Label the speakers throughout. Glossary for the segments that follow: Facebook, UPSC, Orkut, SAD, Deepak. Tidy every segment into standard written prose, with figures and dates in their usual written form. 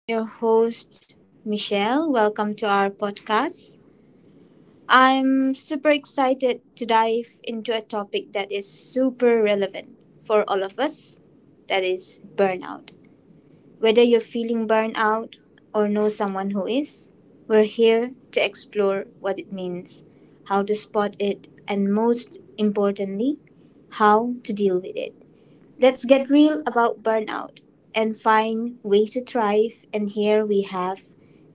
Speaker 1: I'm your host, Michelle. Welcome to our podcast. I'm super excited to dive into a topic that is super relevant for all of us, that is, burnout. Whether you're feeling burnout or know someone who is, we're here to explore what it means, how to spot it, and most importantly, how to deal with it. Let's get real about burnout and find ways to thrive. And here we have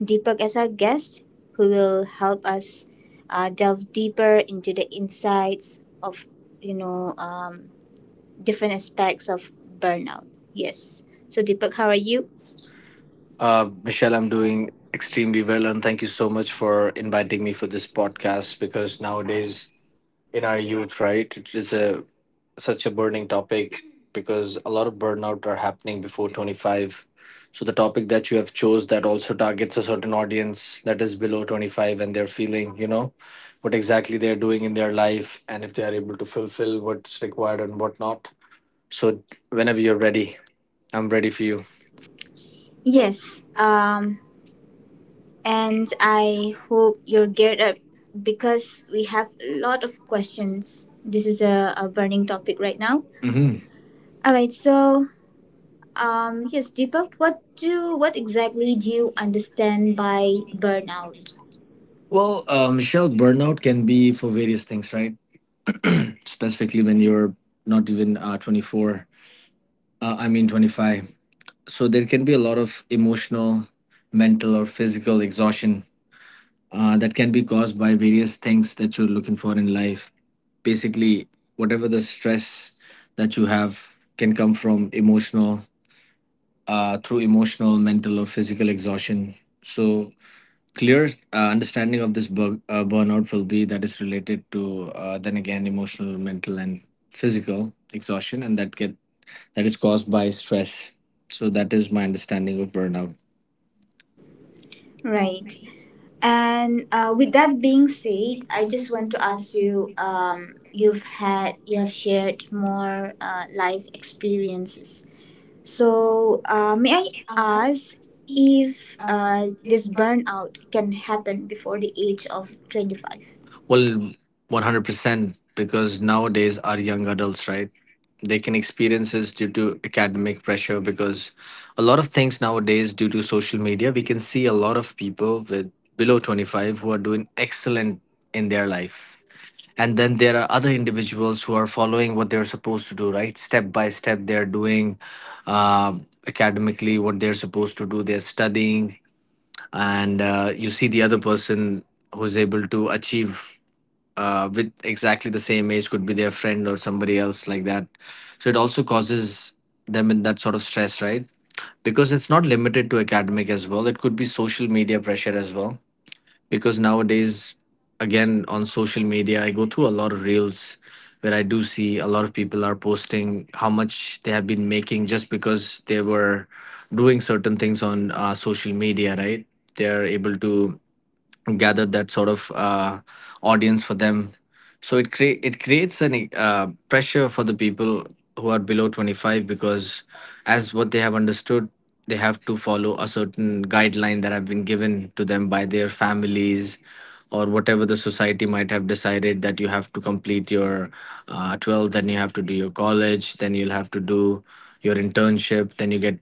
Speaker 1: Deepak as our guest, who will help us delve deeper into the insights of you know um, different aspects of burnout. Yes. So Deepak, how are you?
Speaker 2: Michelle, I'm doing extremely well, and thank you so much for inviting me for this podcast. Because nowadays, in our youth, right, it is a such a burning topic because a lot of burnout are happening before 25. So the topic that you have chose that also targets a certain audience that is below 25, and they're feeling, what exactly they're doing in their life, and if they are able to fulfill what's required and what not. So whenever you're ready, I'm ready for you.
Speaker 1: Yes. And I hope you're geared up because we have a lot of questions. This is a burning topic right now. All right. So yes, Deepak, what exactly do you understand by burnout?
Speaker 2: Well, Michelle, burnout can be for various things, right? Specifically when you're not even 24, I mean 25. So there can be a lot of emotional, mental, or physical exhaustion that can be caused by various things that you're looking for in life. Basically, whatever the stress that you have can come from through emotional, mental, or physical exhaustion. So clear understanding of this burnout will be that is related to then again emotional mental and physical exhaustion and that is caused by stress, so that is my understanding of burnout.
Speaker 1: Right. And with that being said, I just want to ask you. You have shared more life experiences. So may I ask if this burnout can happen before the age of 25?
Speaker 2: Well, 100% because nowadays our young adults, right, they can experience this due to academic pressure, because a lot of things nowadays due to social media, we can see a lot of people with below 25 who are doing excellent in their life. And then there are other individuals who are following what they're supposed to do, right, step by step, they're doing academically what they're supposed to do, they're studying. And you see the other person who's able to achieve with exactly the same age, could be their friend or somebody else like that. So it also causes them in that sort of stress, right, because it's not limited to academic as well, it could be social media pressure as well. Because nowadays, again on social media, I go through a lot of reels where I do see a lot of people are posting how much they have been making just because they were doing certain things on social media, right. They are able to gather that sort of audience for them. So it creates an pressure for the people who are below 25 because, as what they have understood, they have to follow a certain guideline that have been given to them by their families, or whatever the society might have decided that you have to complete your 12, then you have to do your college, then you'll have to do your internship, then you get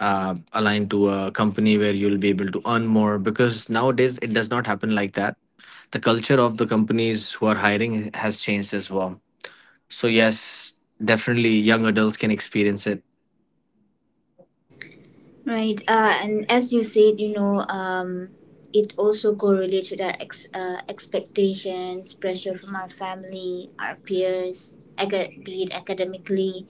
Speaker 2: aligned to a company where you'll be able to earn more, because nowadays it does not happen like that. The culture of the companies who are hiring has changed as well. So, yes, definitely young adults can experience it.
Speaker 1: Right, and as you said, it also correlates with our expectations, pressure from our family, our peers, be it academically,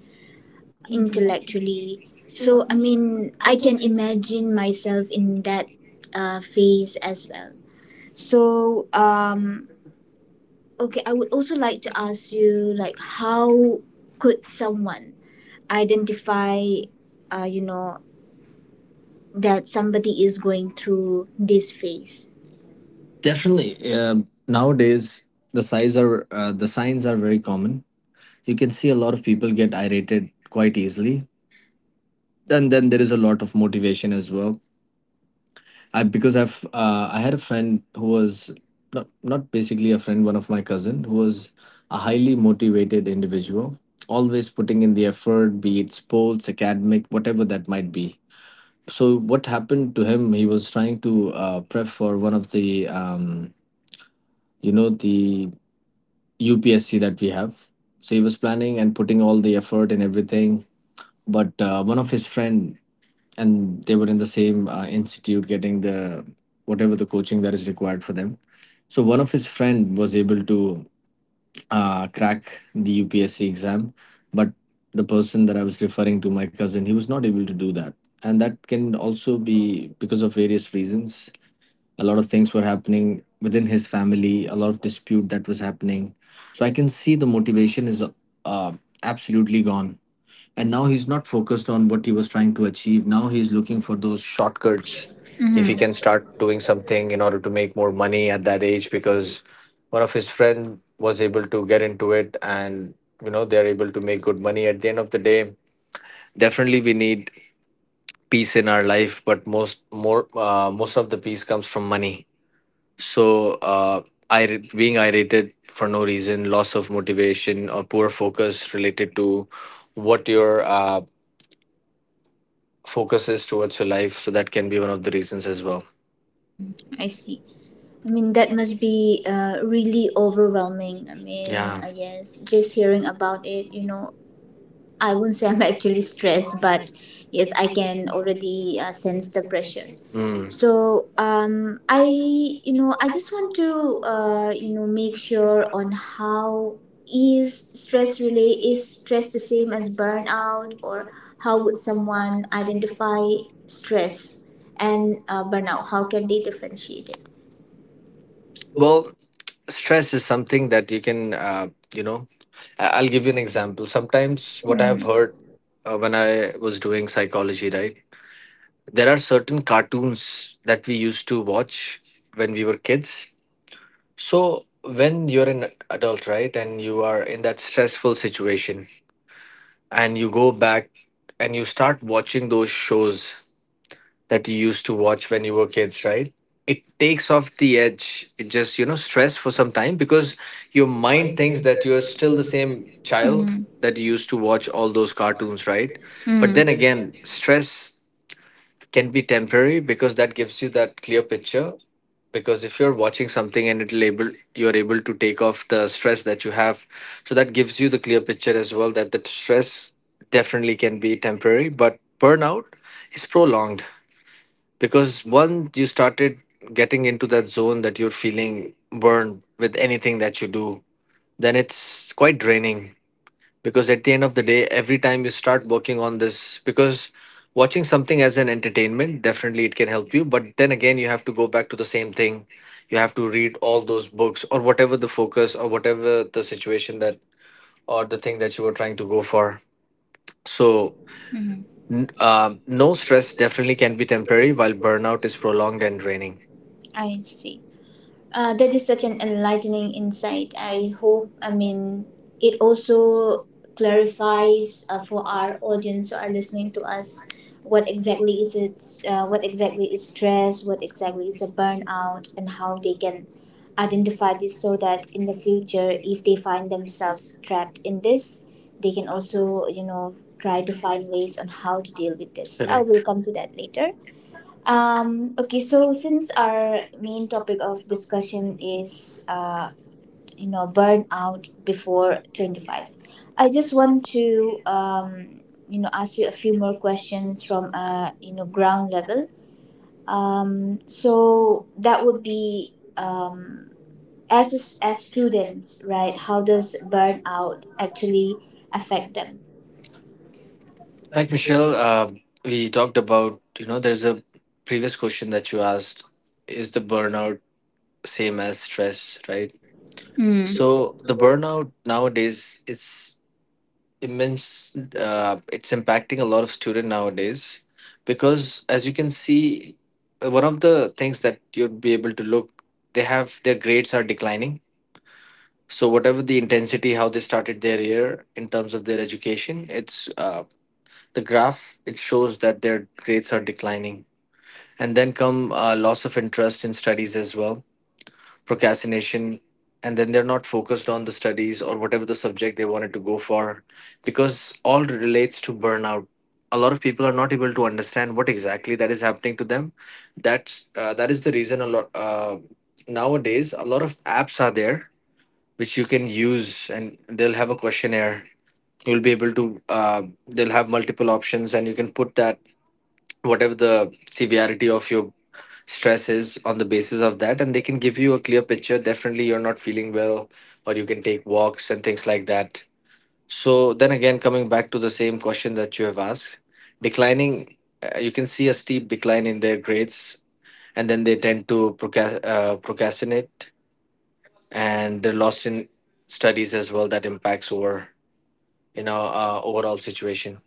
Speaker 1: intellectually. So, I mean, I can imagine myself in that phase as well. So, okay, I would also like to ask you, like, how could someone identify, uh, you know, that somebody is going through this phase.
Speaker 2: Definitely. Nowadays, the signs are very common. You can see a lot of people get irritated quite easily, and then there is a lot of motivation as well. I because I've I had a friend who was not basically a friend, one of my cousin who was a highly motivated individual, always putting in the effort, be it sports, academic, whatever that might be. So what happened to him? He was trying to prep for one of the you know the UPSC that we have. So he was planning and putting all the effort and everything. But one of his friend, and they were in the same institute getting the whatever the coaching that is required for them, so one of his friend was able to crack the UPSC exam. But the person that I was referring to, my cousin, he was not able to do that, and that can also be because of various reasons, a lot of things were happening within his family, a lot of dispute that was happening. So I can see the motivation is uh, absolutely gone, and now he's not focused on what he was trying to achieve. Now he's looking for those shortcuts, if he
Speaker 1: Mhm.
Speaker 2: can start doing something in order to make more money at that age, because one of his friend was able to get into it, and they're able to make good money at the end of the day. Definitely we need peace in our life, but most of the peace comes from money. So uh, I being irritated for no reason, loss of motivation, or poor focus related to what your focuses towards your life. So that can be one of the reasons as well.
Speaker 1: I see. I mean, that must be really overwhelming. I mean,
Speaker 2: Yeah.
Speaker 1: yes, just hearing about it, you know, I won't say I'm actually stressed, but yes, I can already sense the pressure.
Speaker 2: Mm.
Speaker 1: So I, you know, I just want to, make sure on how is stress the same as burnout, or how would someone identify stress and burnout? How can they differentiate it?
Speaker 2: Well, stress is something that you can, I'll give you an example. Sometimes what I've heard
Speaker 1: Mhm.
Speaker 2: when I was doing psychology, right? There are certain cartoons that we used to watch when we were kids. So when you're an adult, right, and you are in that stressful situation, and you go back and you start watching those shows that you used to watch when you were kids, right? It takes off the edge. It just, stress for some time, because your mind thinks that you're still the same child
Speaker 1: Mhm.
Speaker 2: that you used to watch all those cartoons, right? But then
Speaker 1: Mm.
Speaker 2: again, stress can be temporary because that gives you that clear picture, because if you're watching something and it'll able you're able to take off the stress that you have, so that gives you the clear picture as well, that the stress definitely can be temporary, but burnout is prolonged because once you started getting into that zone that you're feeling burned with anything that you do, then it's quite draining, because at the end of the day every time you start working on this, because watching something as an entertainment definitely it can help you, but then again you have to go back to the same thing, you have to read all those books, or whatever the focus, or whatever the situation that, or the thing that you were trying to go for. So
Speaker 1: Mhm.
Speaker 2: no stress definitely can be temporary, while burnout is prolonged and draining.
Speaker 1: I see. That is such an enlightening insight. I hope, I mean, it also clarifies for our audience who are listening to us what exactly is it, what exactly is stress, what exactly is a burnout, and how they can identify this so that in the future, if they find themselves trapped in this, they can also, you know, try to find ways on how to deal with this. I will
Speaker 2: Correct.
Speaker 1: come to that later. Okay, so since our main topic of discussion is, burnout before 25, I just want to, ask you a few more questions from, ground level. So that would be, um, as, as students, right, how does burnout actually affect them?
Speaker 2: Like, Michelle, we talked about, there's a previous question that you asked, is the burnout same as stress, right?
Speaker 1: Mm.
Speaker 2: So the burnout nowadays is immense. It's impacting a lot of student nowadays because, as you can see, one of the things that you'd be able to look, they have their grades are declining. So whatever the intensity, how they started their year in terms of their education, it's the graph. It shows that their grades are declining, and then come loss of interest in studies as well, procrastination, and then they're not focused on the studies or whatever the subject they wanted to go for, because all relates to burnout. A lot of people are not able to understand what exactly that is happening to them. That is the reason a lot nowadays a lot of apps are there, which you can use, and they'll have a questionnaire, you'll be able to they'll have multiple options, and you can put that whatever the severity of your stress is, on the basis of that, and they can give you a clear picture, definitely you're not feeling well, or you can take walks and things like that. So then again, coming back to the same question that you have asked, declining you can see a steep decline in their grades, and then they tend to procrastinate, and they're lost in studies as well, that impacts over overall situation.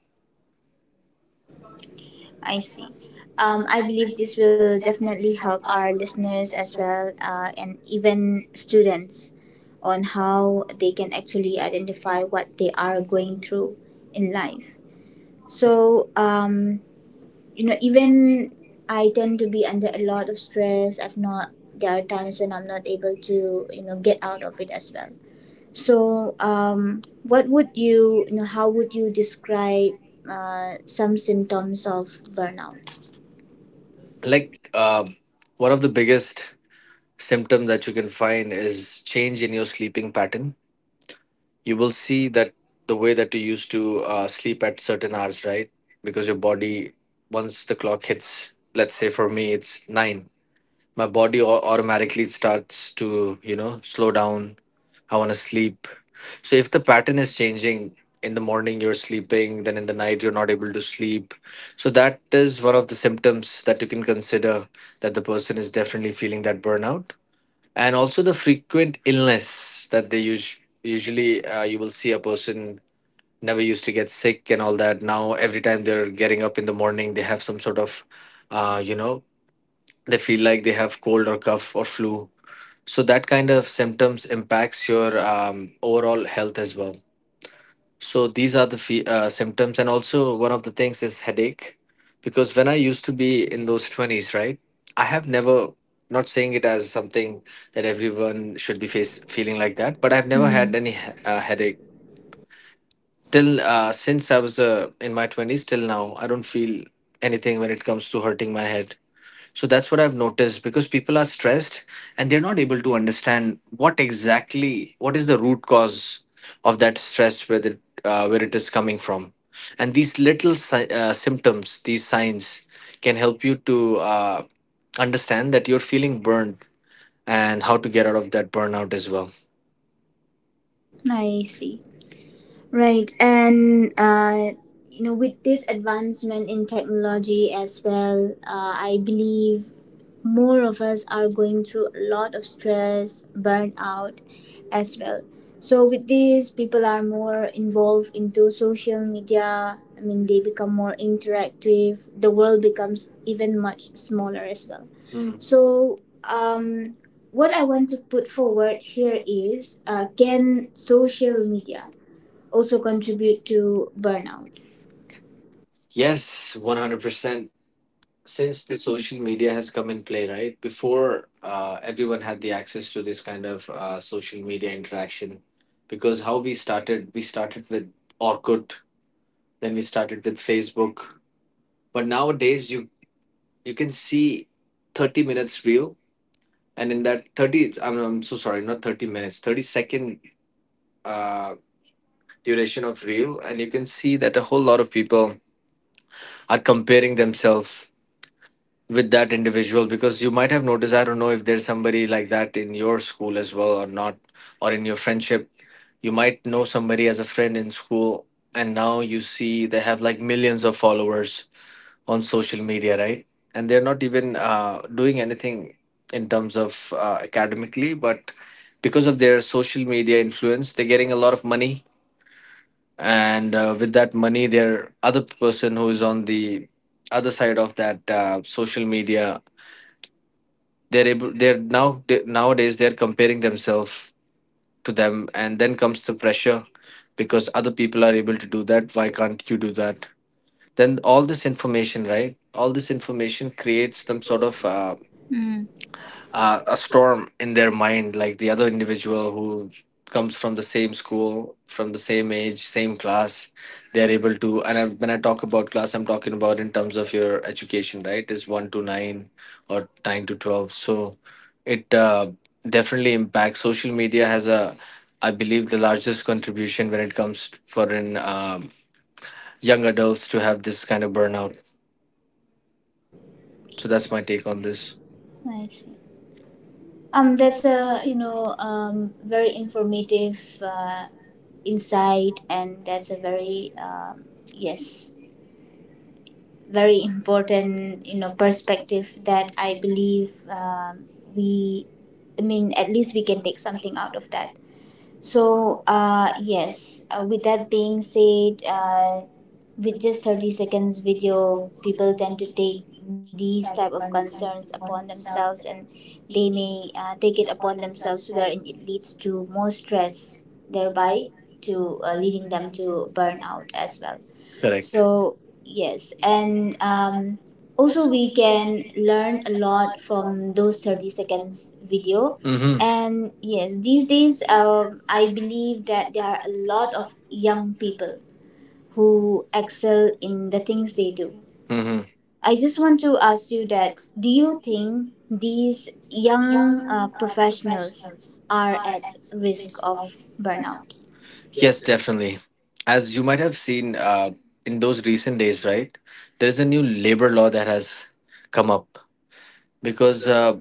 Speaker 1: I see. I believe this will definitely help our listeners as well, and even students, on how they can actually identify what they are going through in life. So, even I tend to be under a lot of stress. I've not. There are times when I'm not able to, you know, get out of it as well. So, what would you, you know, how would you describe some symptoms of burnout?
Speaker 2: Like, one of the biggest symptom that you can find is change in your sleeping pattern. You will see that the way that you used to sleep at certain hours, right? Because your body, once the clock hits, let's say for me, it's nine, my body automatically starts to, slow down. I want to sleep. So if the pattern is changing, in the morning you're sleeping, then in the night you're not able to sleep. So that is one of the symptoms that you can consider that the person is definitely feeling that burnout, and also the frequent illness that they use usually. You will see a person never used to get sick and all that. Now every time they're getting up in the morning they have some sort of uh, you know they feel like they have cold or cough or flu. So that kind of symptoms impacts your overall health as well. So these are the symptoms, and also one of the things is headache, because when I used to be in those twenties, right, I have never, not saying it as something that everyone should be face feeling like that, but I've never had
Speaker 1: Mhm.
Speaker 2: any headache till since I was in my twenties till now. I don't feel anything when it comes to hurting my head. So that's what I've noticed because people are stressed and they're not able to understand what exactly what is the root cause of that stress, where it is coming from. And these little symptoms, these signs, can help you to understand that you're feeling burned and how to get out of that burnout as well.
Speaker 1: Any. I see. Right, and with this advancement in technology as well, I believe more of us are going through a lot of stress, burnout as well. So with this, people are more involved into social media. I mean, they become more interactive. The world becomes even much smaller as well.
Speaker 2: Mm.
Speaker 1: So, what I want to put forward here is, can social media also contribute to burnout.
Speaker 2: Yes, 100%. Since the social media has come in play, right? Before everyone had the access to this kind of social media interaction, because how we started with Orkut, then we started with Facebook. But nowadays you can see 30 minutes reel, and in that 30, I'm so sorry, not 30 minutes, 30 second uh, duration of reel, and you can see that a whole lot of people are comparing themselves with that individual, because you might have noticed, I don't know if there's somebody like that in your school as well or not, or in your friendship. You might know somebody as a friend in school, and now you see they have like millions of followers on social media, right? And they're not even doing anything in terms of academically, but because of their social media influence, they're getting a lot of money. And with that money, their other person who is on the other side of that social media, they're able they're now they- nowadays they're comparing themselves to them, and then comes the pressure, because other people are able to do that, why can't you do that? Then all this information, right, all this information creates some sort of
Speaker 1: Mm.
Speaker 2: a storm in their mind, like the other individual who comes from the same school, from the same age, same class. They are able to, and I, when I talk about class, I'm talking about in terms of your education, right? Is 1 to 9 or 9 to 12. So it definitely impacts. Social media has a, I believe, the largest contribution when it comes for in young adults to have this kind of burnout. So that's my take on this.
Speaker 1: I see. That's a very informative insight, and that's a very yes, very important, you know, perspective that I believe, we, I mean at least we can take something out of that. So, yes, with that being said, with just 30 seconds video, people tend to take these type of concerns upon themselves, and they may take it upon themselves wherein it leads to more stress, thereby to leading them to burnout as well.
Speaker 2: Correct.
Speaker 1: So yes, and also we can learn a lot from those 30 seconds video.
Speaker 2: Mm-hmm.
Speaker 1: And yes, these days, I believe that there are a lot of young people who excel in the things they do.
Speaker 2: Mm-hmm.
Speaker 1: I just want to ask you that, do you think these young professionals are at risk of burnout?
Speaker 2: Yes, definitely. As you might have seen in those recent days, right? There's a new labor law that has come up, because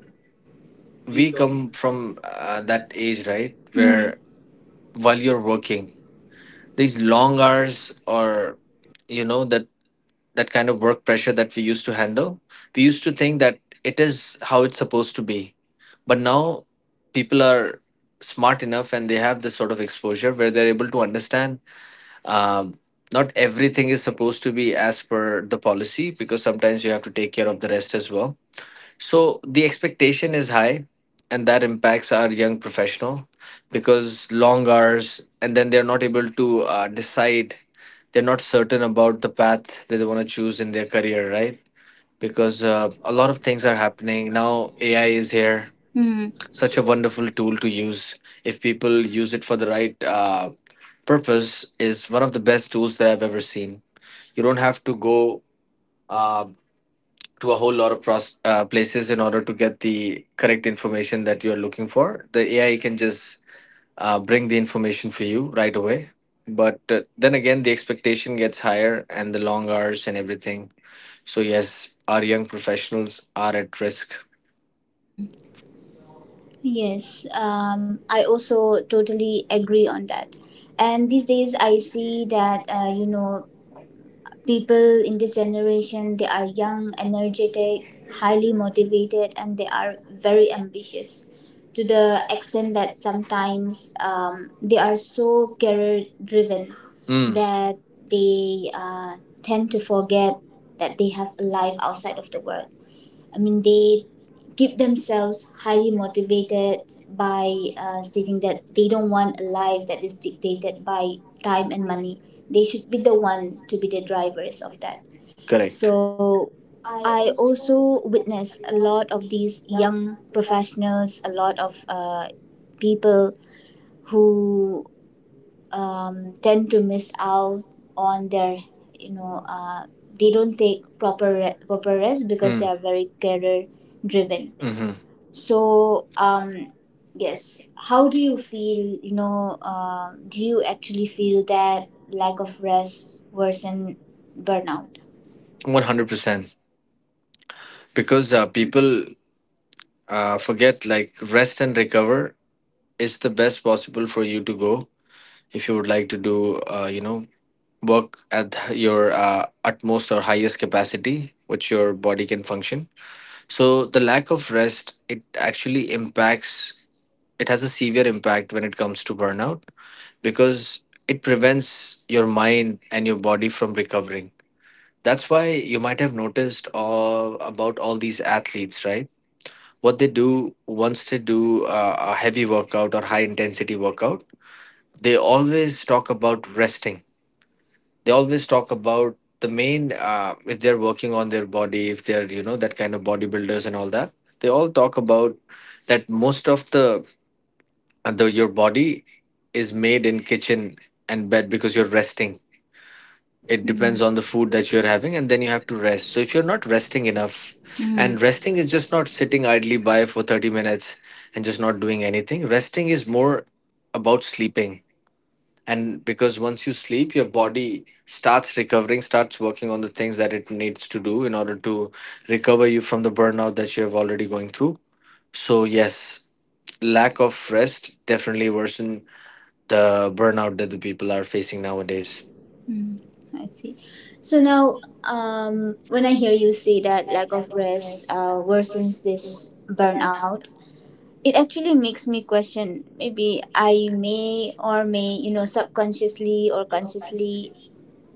Speaker 2: we come from that age, right?
Speaker 1: Hmm.
Speaker 2: Where while you're working, these long hours, or you know that that kind of work pressure that we used to handle, we used to think that it is how it's supposed to be. But now people are smart enough and they have this sort of exposure where they're able to understand um, not everything is supposed to be as per the policy, because sometimes you have to take care of the rest as well. So the expectation is high, and that impacts our young professional, because long hours, and then they're not able to decide. They're not certain about the path that they want to choose in their career, right? Because a lot of things are happening now. AI is here,
Speaker 1: Hmm.
Speaker 2: such a wonderful tool to use. If people use it for the right purpose, is one of the best tools that I've ever seen. You don't have to go uh, to a whole lot of places in order to get the correct information that you're looking for. The AI can just bring the information for you right away. But then again the expectation gets higher and the long hours and everything. So yes, our young professionals are at risk.
Speaker 1: Hmm. Yes, I also totally agree on that. And these days, I see that, people in this generation, they are young, energetic, highly motivated, and they are very ambitious, to the extent that sometimes they are so career driven
Speaker 2: Mm,
Speaker 1: that they tend to forget that they have a life outside of the work. I mean, they keep themselves highly motivated by stating that they don't want a life that is dictated by time and money. They should be the one to be the drivers of that.
Speaker 2: correct.
Speaker 1: So I also witness a lot of these young professionals, a lot of people who tend to miss out on their, you know uh, they don't take proper rest because they
Speaker 2: Mm.
Speaker 1: are very career driven.
Speaker 2: Mm-hmm.
Speaker 1: So yes, how do you feel, do you actually feel that lack of rest worsen burnout?
Speaker 2: 100%. Because people forget, like rest and recover is the best possible for you to go, if you would like to do, work at your utmost or highest capacity, which your body can function. So the lack of rest, it actually impacts, it has a severe impact when it comes to burnout, because it prevents your mind and your body from recovering. That's why you might have noticed all about all these athletes, right? What they do once they do a heavy workout or high intensity workout, they always talk about resting. They always talk about the main, if they're working on their body, if they're, you know, that kind of bodybuilders and all that. They all talk about that most of the your body is made in kitchen and bed, because you're resting,
Speaker 1: It
Speaker 2: it depends
Speaker 1: depends. Mhm. On
Speaker 2: on
Speaker 1: the
Speaker 2: the
Speaker 1: food
Speaker 2: food
Speaker 1: that
Speaker 2: that you're
Speaker 1: you're having,
Speaker 2: having,
Speaker 1: and
Speaker 2: and then
Speaker 1: then you
Speaker 2: you
Speaker 1: have
Speaker 2: have
Speaker 1: to
Speaker 2: to
Speaker 1: rest,
Speaker 2: rest.
Speaker 1: so
Speaker 2: So
Speaker 1: if
Speaker 2: if you're
Speaker 1: you're
Speaker 2: not
Speaker 1: not resting
Speaker 2: resting
Speaker 1: enough.
Speaker 2: enough,
Speaker 1: Mhm. And
Speaker 2: and
Speaker 1: resting
Speaker 2: resting
Speaker 1: is
Speaker 2: is
Speaker 1: just
Speaker 2: just
Speaker 1: not
Speaker 2: not
Speaker 1: sitting
Speaker 2: sitting idly
Speaker 1: idly by.
Speaker 2: by for 30 minutes and just not doing anything. Resting is more about sleeping, and because once you sleep your body starts recovering, starts working on the things that it needs to do in order to recover you from the burnout that you have already going through. So yes, lack of rest definitely worsen the burnout that the people are facing nowadays.
Speaker 1: Mm. I see. So now, when I hear you say that lack of rest worsens this burnout, it actually makes me question maybe I may or may, you know, subconsciously or consciously,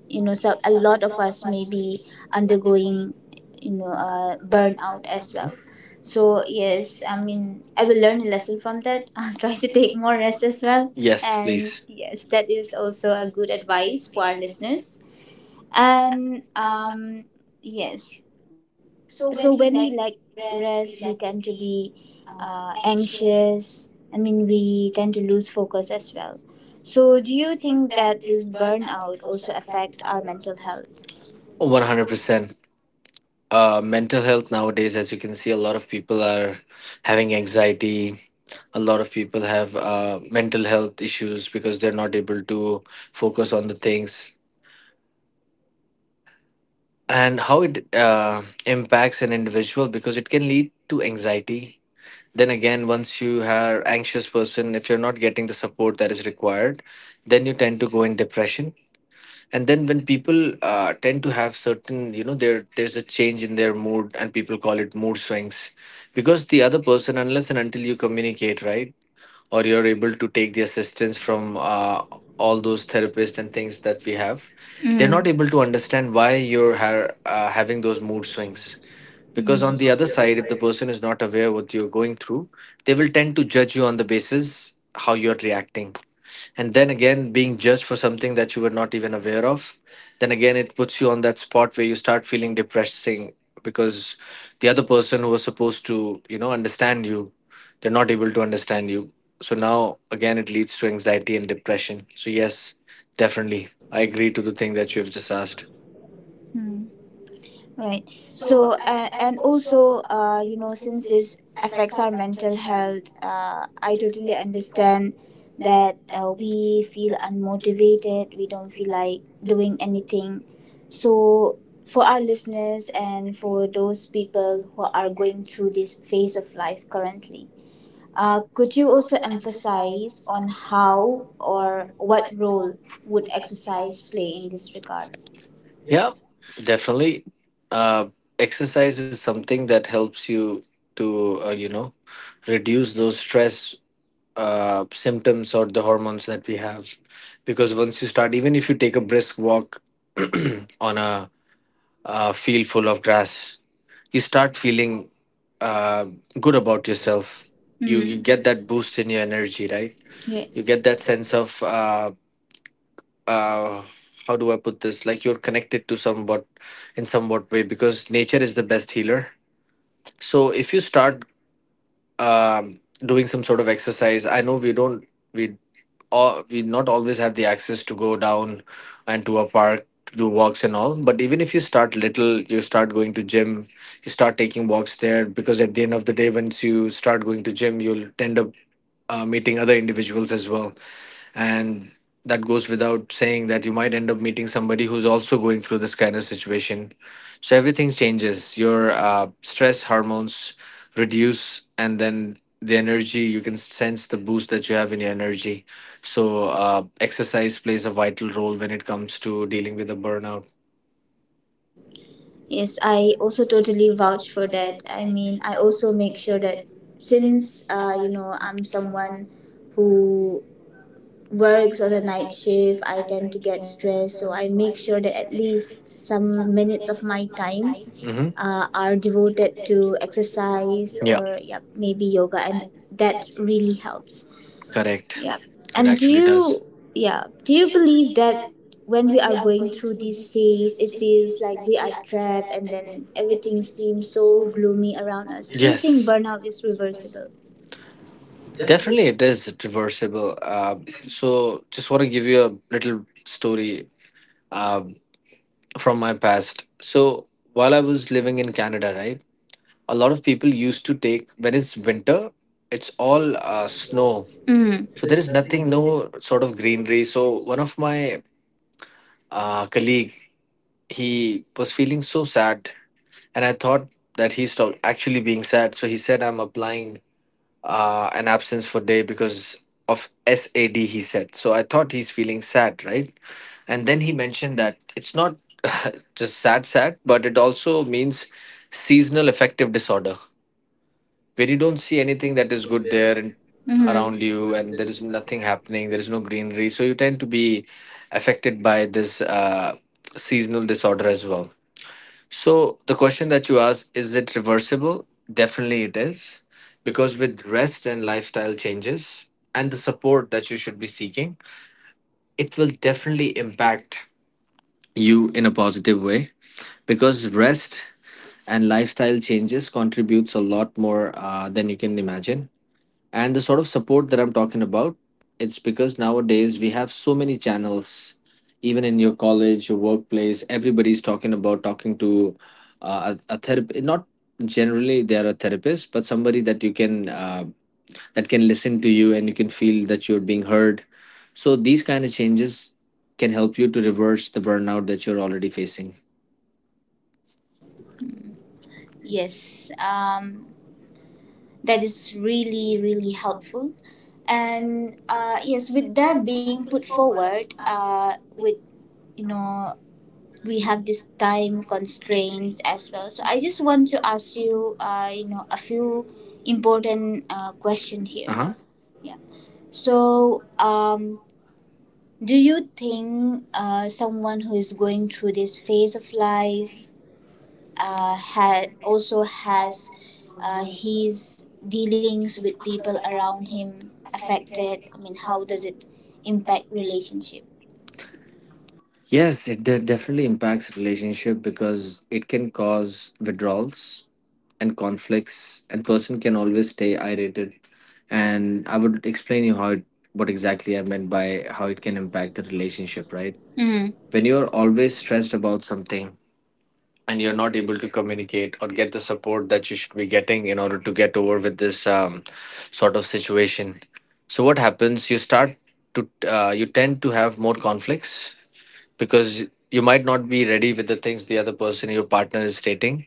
Speaker 1: you know, a lot of us may be undergoing, burnout as well. So, yes, I mean, I will learn a lesson from that. I'll try to take more rest as well. Yes.
Speaker 2: Yes,
Speaker 1: And
Speaker 2: please.
Speaker 1: yes, that is also a good advice for our listeners, and yes, so when we like rest, we tend to be anxious. I mean, we tend to lose focus as well. So do you think that this burnout also affect our mental health?
Speaker 2: 100%. Mental health nowadays, as you can see, a lot of people are having anxiety. A lot of people have mental health issues because they're not able to focus on the things. And how it impacts an individual, because it can lead to anxiety. Then again, once you are anxious person, if you're not getting the support that is required, then you tend to go in depression. And then when people tend to have certain, you know, there's a change in their mood, and people call it mood swings, because the other person, unless and until you communicate, right, or you're able to take the assistance from all those therapists and things that we have,
Speaker 1: You're.
Speaker 2: they're not able to
Speaker 1: Mm.
Speaker 2: understand why you're having those mood swings,
Speaker 1: Mm.
Speaker 2: because on the other side, if the person is not aware what you're going through, they will tend to judge you on the basis how you're reacting. And then again, being judged for something that you were not even aware of, then again it puts you on that spot where you start feeling depressing. Because the other person who was supposed to, you know, understand you, they're not able to understand you. So now again it leads to anxiety and depression. So yes, definitely I agree to the thing that you've just asked.
Speaker 1: Right. So, and also, since this affects our mental health, I totally understand that we feel unmotivated, we don't feel like doing anything. So, for our listeners and for those people who are going through this phase of life currently, could you also emphasize on how or what role would exercise play in this regard?
Speaker 2: Yeah definitely uh Exercise is something that helps you to reduce those stress symptoms or the hormones that we have. Because once you start, even if you take a brisk walk on field full of grass, you start feeling uh, good about yourself. You
Speaker 1: Mm.
Speaker 2: you get that boost in your energy, right? You get that
Speaker 1: Yes.
Speaker 2: sense of uh, how do I put this? Like you're connected to somewhat in somewhat way, because nature is the best healer. So if you start um, doing some sort of exercise, I know we don't. We we not always have the access to go down and to a park to do walks and all. But even if you start little, you start going to gym, you start taking walks there, because at the end of the day, once you start going to gym, you'll end up meeting other individuals as well. And that goes without saying that you might end up meeting somebody who's also going through this kind of situation. So everything changes, your stress hormones reduce, and then the energy, you can sense the boost that you have in your energy. So exercise plays a vital role when it comes to dealing with a burnout.
Speaker 1: Yes, I also totally vouch for that. I mean, I also make sure that since, I'm someone who works on a night shift, I tend to get stressed. So I make sure that at least some minutes of my time
Speaker 2: Mm-hmm.
Speaker 1: are devoted to exercise, or yeah, maybe yoga, and that really helps.
Speaker 2: Correct.
Speaker 1: Yeah.
Speaker 2: It.
Speaker 1: And do you Yeah, do you believe that when we are going through this phase, it feels like we are trapped and then everything seems so gloomy around us. Do you think
Speaker 2: Yes.
Speaker 1: burnout is reversible?
Speaker 2: Definitely, it is reversible. So, just want to give you a little story. Um. From my past. So while I was living in Canada, right, a lot of people used to take when it's winter, it's all snow.
Speaker 1: Mm.
Speaker 2: So there is nothing, no sort of greenery. So one of my colleague, he was feeling so sad, and I thought that he stopped actually being sad. So he said, "I'm applying an absence for day because of SAD," he said. So I thought he's feeling sad, right? And then he mentioned that it's not just sad, sad, but it also means seasonal affective disorder, where you don't see anything that is good there and
Speaker 1: Around.
Speaker 2: around you, and
Speaker 1: Mm-hmm.
Speaker 2: there is nothing happening, there is no greenery. So you tend to be affected by this seasonal disorder as well. So the question that you asked, is it reversible? Definitely it is. Because with rest and lifestyle changes and the support that you should be seeking, it will definitely impact you in a positive way. Because rest and lifestyle changes contributes a lot more than you can imagine. And the sort of support that I'm talking about, it's because nowadays we have so many channels, even in your college, your workplace, everybody's talking about talking to a therapist, not generally they are a therapist, but somebody that you can that can listen to you and you can feel that you're being heard. So these kind of changes can help you to reverse the burnout that you're already facing.
Speaker 1: Yes. That is really, really helpful. And uh, yes, with that being put forward, uh, with, you know, we have this time constraints as well. So I just want to ask you, a few important question here.
Speaker 2: Uh-huh.
Speaker 1: Yeah. So, do you think someone who is going through this phase of life also has his dealings with people around him affected? I mean, how does it impact relationship?
Speaker 2: Yes, it definitely impacts relationship, because it can cause withdrawals and conflicts, and person can always stay irritated. And I would explain you how it, what exactly I meant by how it can impact the relationship, right?
Speaker 1: Mm-hmm.
Speaker 2: When you're always stressed about something, and you're not able to communicate or get the support that you should be getting in order to get over with this sort of situation. So what happens, you start to you tend to have more conflicts, because you might not be ready with the things the other person, your partner, is stating,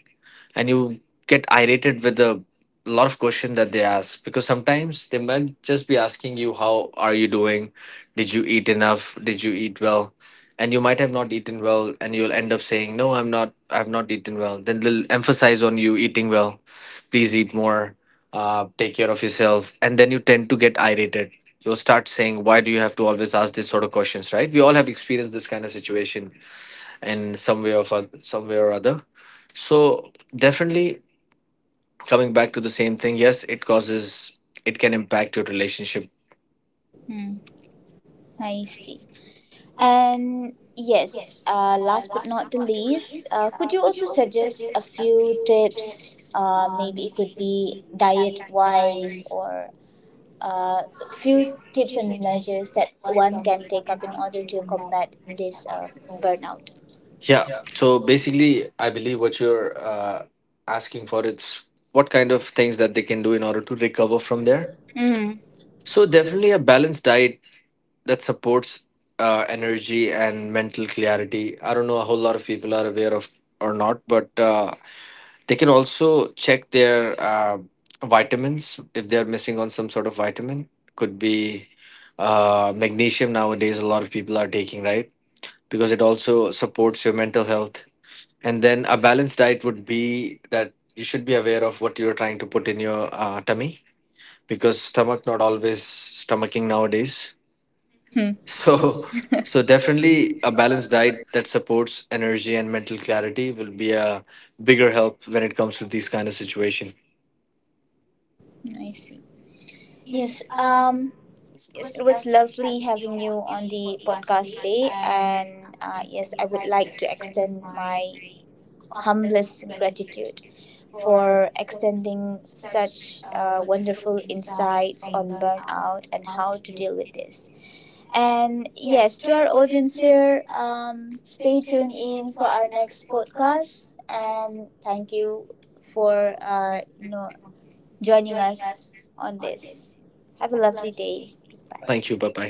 Speaker 2: and you get irated with a lot of questions that they ask, because sometimes they might just be asking you, how are you doing, did you eat enough, did you eat well? And you might have not eaten well, and you'll end up saying, no, I'm not, I've not eaten well. Then they'll emphasize on you eating well, please eat more, take care of yourself. And then you tend to get irated, you'll start saying, why do you have to always ask this sort of questions, right? We all have experienced this kind of situation in some way of some way or other. So definitely, coming back to the same thing, yes it causes, it can impact your relationship.
Speaker 1: I see. And yes, last but not the least, could you also suggest a few tips? Maybe it could be diet wise, or uh, few tips and measures that one can take up in order to combat this burnout.
Speaker 2: Yeah so basically I believe what you're asking for, it's what kind of things that they can do in order to recover from there.
Speaker 1: Mm.
Speaker 2: So definitely a balanced diet that supports energy and mental clarity. I don't know a whole lot of people are aware of or not, but they can also check their vitamins if they're missing on some sort of vitamin. Could be magnesium nowadays, a lot of people are taking, right? Because it also supports your mental health. And then a balanced diet would be that you should be aware of what you're trying to put in your tummy, because stomach not always stomaching nowadays.
Speaker 1: I
Speaker 2: So, so definitely a balanced diet that supports energy and mental clarity will be a bigger help when it comes to these kind of situation.
Speaker 1: see. Yes. Yes, it was lovely having you on the podcast today, and yes, I would like to extend my humblest gratitude for extending such wonderful insights on burnout and how to deal with this. And yes, to our audience here, stay tuned in for our next podcast. And thank you for, joining us on this. Have a lovely day. Goodbye.
Speaker 2: Thank
Speaker 1: Thank
Speaker 2: you.
Speaker 1: you.
Speaker 2: Bye bye.